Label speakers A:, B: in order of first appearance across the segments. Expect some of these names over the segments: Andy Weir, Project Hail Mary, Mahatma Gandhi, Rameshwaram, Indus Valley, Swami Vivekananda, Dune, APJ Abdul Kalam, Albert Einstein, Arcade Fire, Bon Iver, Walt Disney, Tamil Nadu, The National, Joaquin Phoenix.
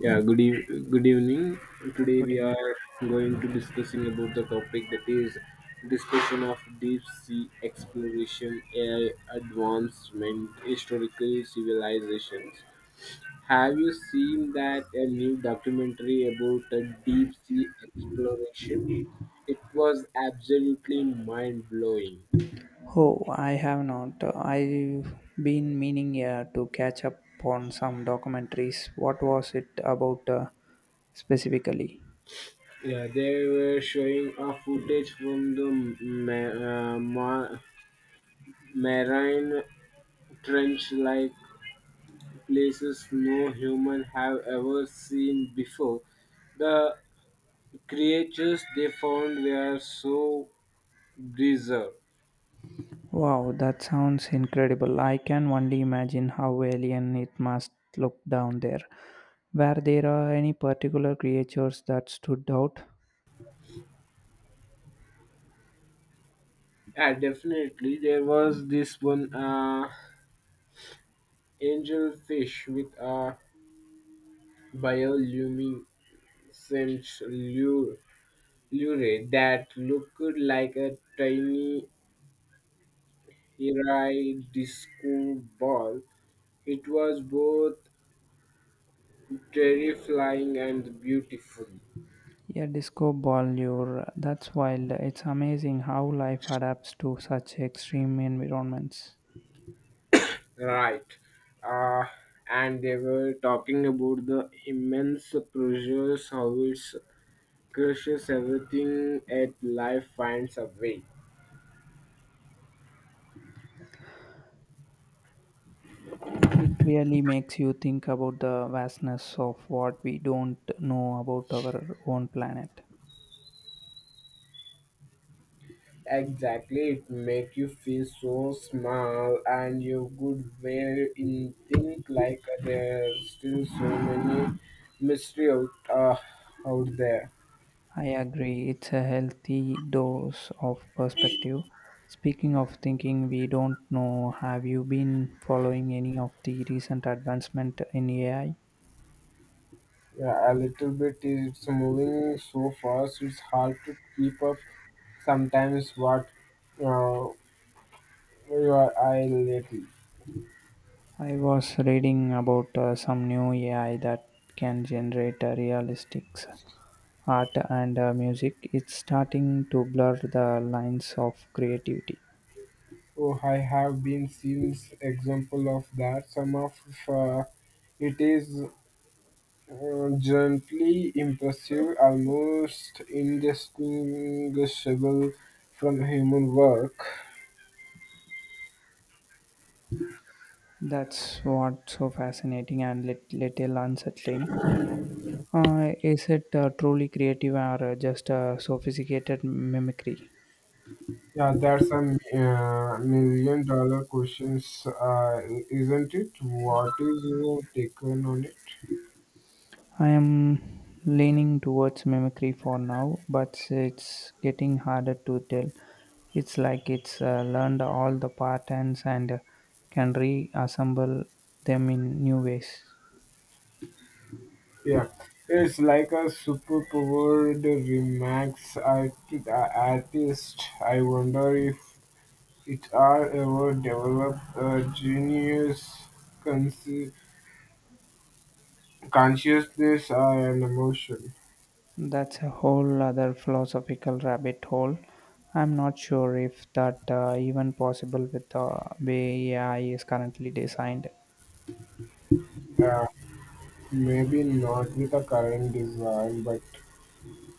A: Yeah, good, good evening. Today
B: Good
A: we
B: evening.
A: are going to discussing about the topic that is discussion of deep sea exploration, AI advancement, historical civilizations. Have you seen that a new documentary about a deep sea exploration? It was absolutely mind blowing.
B: Oh, I have not. I've been meaning to catch up on some documentaries. What was it about specifically?
A: Yeah, they were showing a footage from the ma- uh, ma- marine trench like places no human have ever seen before. The creatures they found were so bizarre.
B: Wow, that sounds incredible. I can only imagine how alien it must look down there. Were there any particular creatures that stood out?
A: Yeah, definitely. There was this one angel fish with a bioluminescent lure, lure that looked like a tiny iridescent disco ball. It was both terrifying and beautiful.
B: Yeah, disco ball, you're, that's wild. It's amazing how life adapts to such extreme environments.
A: Right. Uh, and they were talking about the immense pressures, how it crushes everything at life finds a way.
B: It really makes you think about the vastness of what we don't know about our own planet.
A: Exactly, it make you feel so small and you could wear in think like there's still so many mystery uh, out there.
B: I agree, it's a healthy dose of perspective. Speaking of thinking we don't know, have you been following any of the recent advancement in AI?
A: Yeah, a little bit is it's moving so fast it's hard to keep up sometimes what uh, you are highlighting.
B: I was reading about some new AI that can generate realistic art and music. It's starting to blur the lines of creativity.
A: Oh, I have been seen example of that. Some of uh, it is gently impressive, almost indistinguishable from human work.
B: That's what's so fascinating and little unsettling. Is it truly creative or just a sophisticated mimicry?
A: Yeah, that's a million dollar questions, isn't it? What is your take on it?
B: I am leaning towards mimicry for now, but it's getting harder to tell. It's like it's learned all the patterns and can reassemble them in new ways.
A: Yeah, it's like a superpower. The remarks artist. I wonder if it are ever develop a genius consci- consciousness or an emotion.
B: That's a whole other philosophical rabbit hole. I'm not sure if that even possible with the way AI is currently designed.
A: Uh, maybe not with the current design, but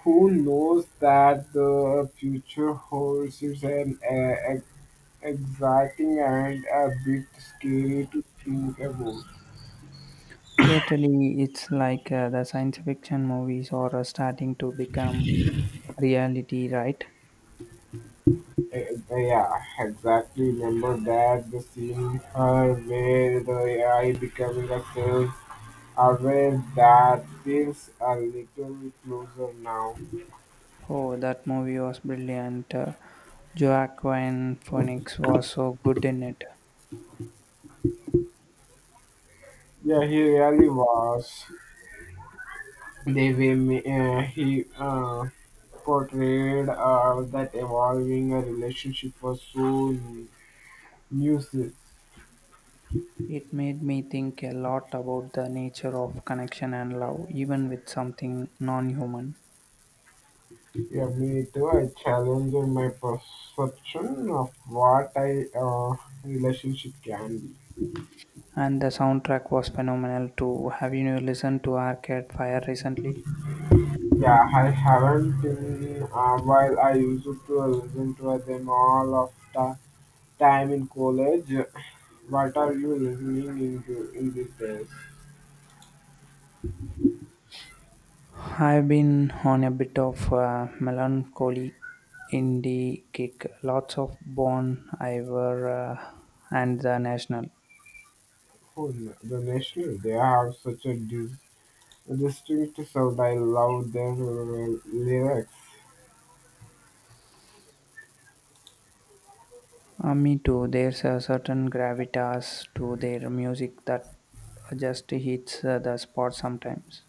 A: who knows that the future holds is an exciting and a bit scary to think about.
B: Totally, it's like the science fiction movies are starting to become reality, right?
A: Eh, Yeah, exactly. Remember that the scene her where the AI becoming a self aware that feels a little closer now.
B: Oh, that movie was brilliant. Joaquin Phoenix was so good in it.
A: Yeah, he really was. They way he portrayed that evolving a relationship was so nuisance.
B: It made me think a lot about the nature of connection and love, even with something non human.
A: Yeah, me too. I challenged my perception of what I relationship can be.
B: And the soundtrack was phenomenal too. Have you listened to Arcade Fire recently?
A: Yeah, I haven't in a while. I used to listen to them all of the time in college. What are you listening into in these days?
B: I've been on a bit of melancholy indie kick. Lots of Bon Iver and The National.
A: Oh, the National, they have such a distinct sound. I love their lyrics.
B: Me too. There's a certain gravitas to their music that just hits the spot sometimes.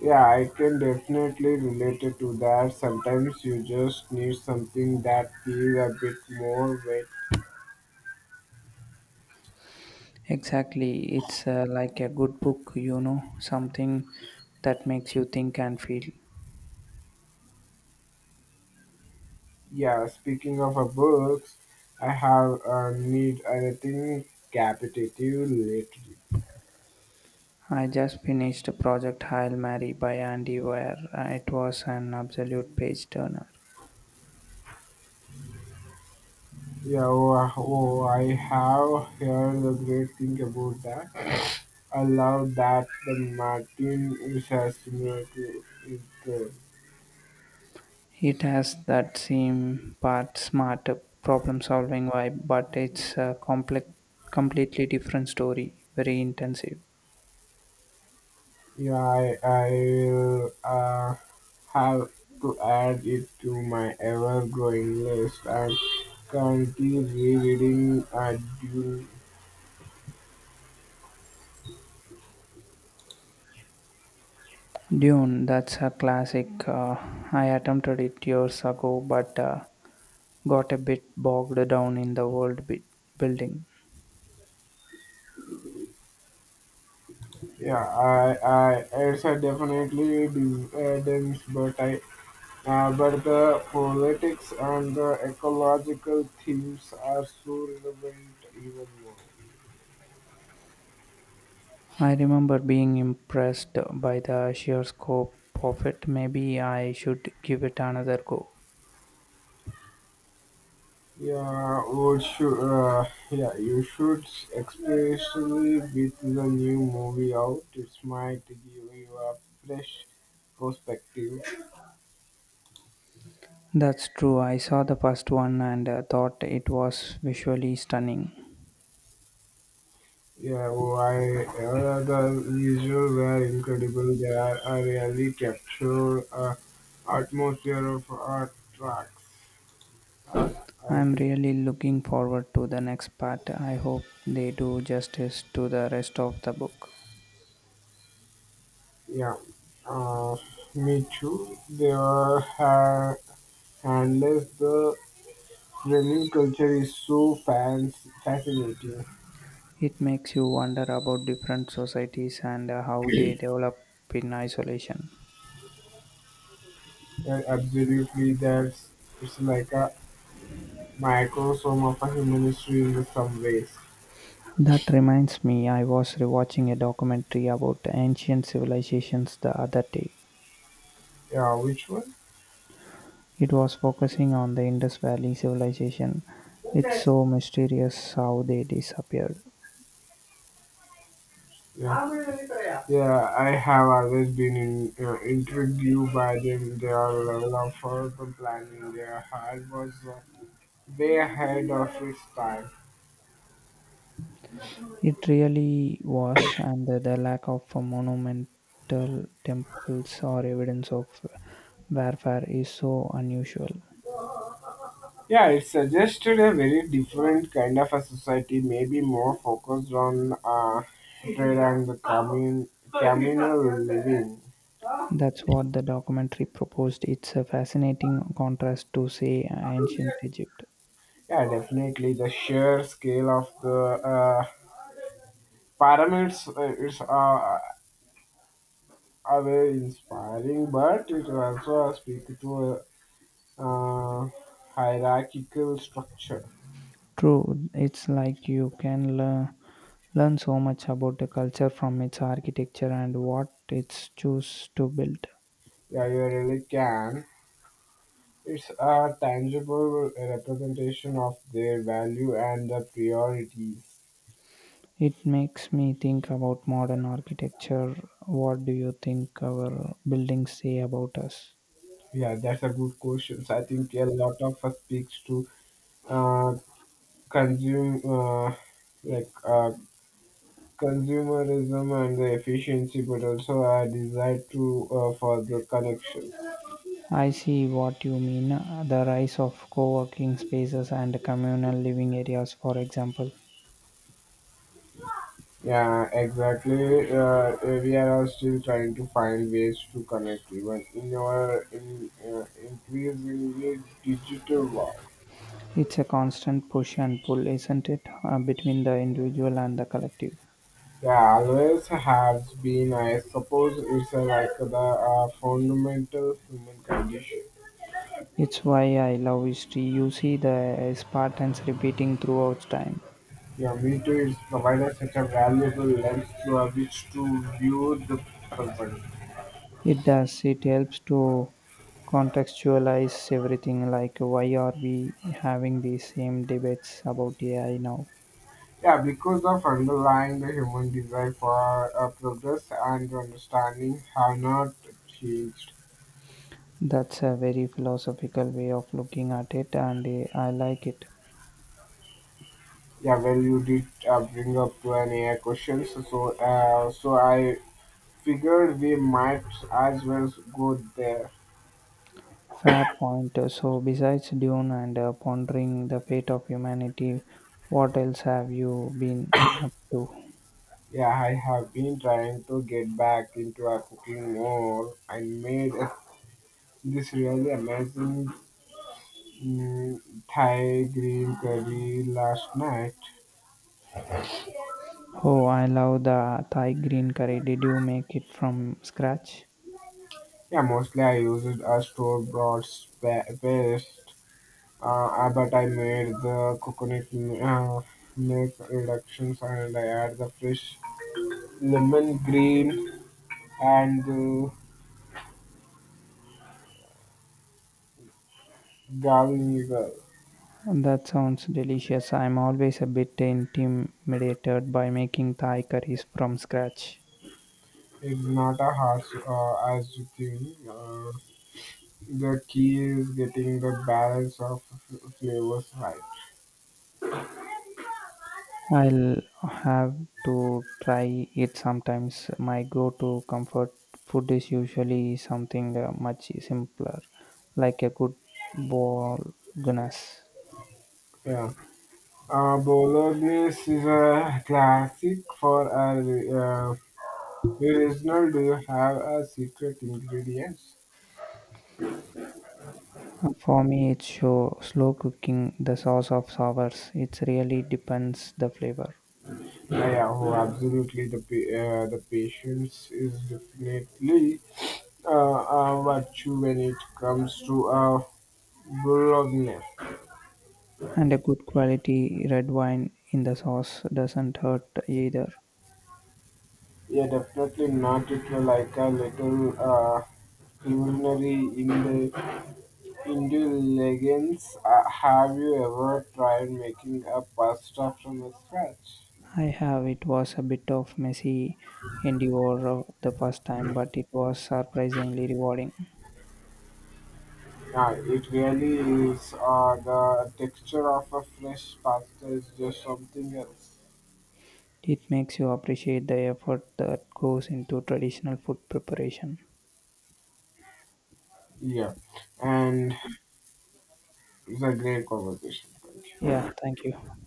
A: Yeah, I can definitely relate it to that. Sometimes you just need something that feels a bit more weight.
B: Exactly. It's like a good book, you know, something that makes you think and feel.
A: Yeah, speaking of our books, I have need anything capitative lately.
B: I just finished Project Hail Mary by Andy Weir. It was an absolute page turner.
A: Yeah, oh, I have heard a great thing about that. I love that the Martin is has similar to it. uh,
B: It has that same part smart problem solving vibe, but it's a complex, completely different story, very intensive.
A: I will have to add it to my ever-growing list. I'm currently rereading Dune.
B: Dune, that's a classic. I attempted it years ago, but got a bit bogged down in the world bit building.
A: Yeah, it's a definitely dense, but the politics and the ecological themes are so relevant even more.
B: I remember being impressed by the sheer scope of it. Maybe I should give it another go.
A: Yeah, you should, especially with the new movie out. It might give you a fresh perspective.
B: That's true. I saw the first one and thought it was visually stunning.
A: Yeah, why the usual were incredible. They are really capture atmosphere of our tracks. Uh, I,
B: I'm really looking forward to the next part. I hope they do justice to the rest of the book.
A: yeah, uh, me too. They are handless. The running culture is so fans fascinating.
B: It makes you wonder about different societies and how they develop in isolation.
A: Yeah, absolutely, that's it's like a microsome of a human history in some ways.
B: That reminds me, I was rewatching a documentary about ancient civilizations the other day.
A: Yeah, which one?
B: It was focusing on the Indus Valley civilization. It's so mysterious how they disappeared.
A: Yeah. Yeah. Yeah, I have always been intrigued by them. Their level of forward planning, their hard was way ahead of its time.
B: It really was, and the lack of a monumental temples or evidence of warfare is so unusual.
A: Yeah, it suggested a very different kind of a society, maybe more focused on trade and the communal living.
B: That's what the documentary proposed. It's a fascinating contrast to, say, ancient Egypt.
A: Yeah, definitely the sheer scale of the pyramids is are were inspiring, but it also speaks to a uh, hierarchical structure.
B: True, it's like you can learn so much about the culture from its architecture and what it's choose to build.
A: Yeah, you really can. It's a tangible representation of their value and the priorities.
B: It makes me think about modern architecture. What do you think our buildings say about us?
A: Yeah, that's a good question. So I think a lot of us speaks to uh, consume uh, like uh, consumerism and the efficiency, but also a desire to for the connection.
B: I see what you mean. The rise of co working spaces and communal living areas, for example.
A: Yeah, exactly. We are still trying to find ways to connect, even in our increasingly digital world.
B: It's a constant push and pull, isn't it, between the individual and the collective?
A: Yeah, always has been. I suppose it's like the fundamental human condition.
B: It's why I love history. You see the Spartans repeating throughout time.
A: Yeah, me too. It's provided such a valuable lens through which to view the present.
B: It does. It helps to contextualize everything like why are we having these same debates about AI now?
A: Yeah, because of underlying the human desire for progress and understanding have not changed.
B: That's a very philosophical way of looking at it and I like it.
A: Yeah, well, you did bring up to an AI question, so I figured we might as well go there.
B: Fair point. So besides Dune and pondering the fate of humanity, what else have you been up to?
A: Yeah, I have been trying to get back into a cooking more. I made this really amazing mm, Thai green curry last night.
B: Oh, I love the Thai green curry. Did you make it from scratch?
A: Yeah, mostly I used a store bought paste, but I made the coconut milk reductions and I add the fish Lemon green and Galnigal
B: And that sounds delicious. I'm always a bit intimidated by making Thai curries from scratch.
A: is not a harsh as you think. The key is getting the balance of flavors right.
B: I'll have to try it sometimes. My go to comfort food is usually something much simpler, like a good bulgonas.
A: Yeah. Bolognese is a classic for a original. Do you have a secret ingredients?
B: For me, it's show, slow cooking the sauce of sours. It really depends the flavor.
A: Yeah, oh, absolutely. The the patience is definitely a virtue when it comes to Bologna.
B: And a good quality red wine in the sauce doesn't hurt either.
A: Yeah, definitely not. It was like a little culinary in the Hindu legends. Have you ever tried making a pasta from scratch?
B: I have. It was a bit of messy endeavor the first time, but it was surprisingly rewarding.
A: Yeah, it really is. The texture of a fresh pasta is just something else.
B: It makes you appreciate the effort that goes into traditional food preparation.
A: Yeah, and it's a great conversation.
B: Yeah, thank you.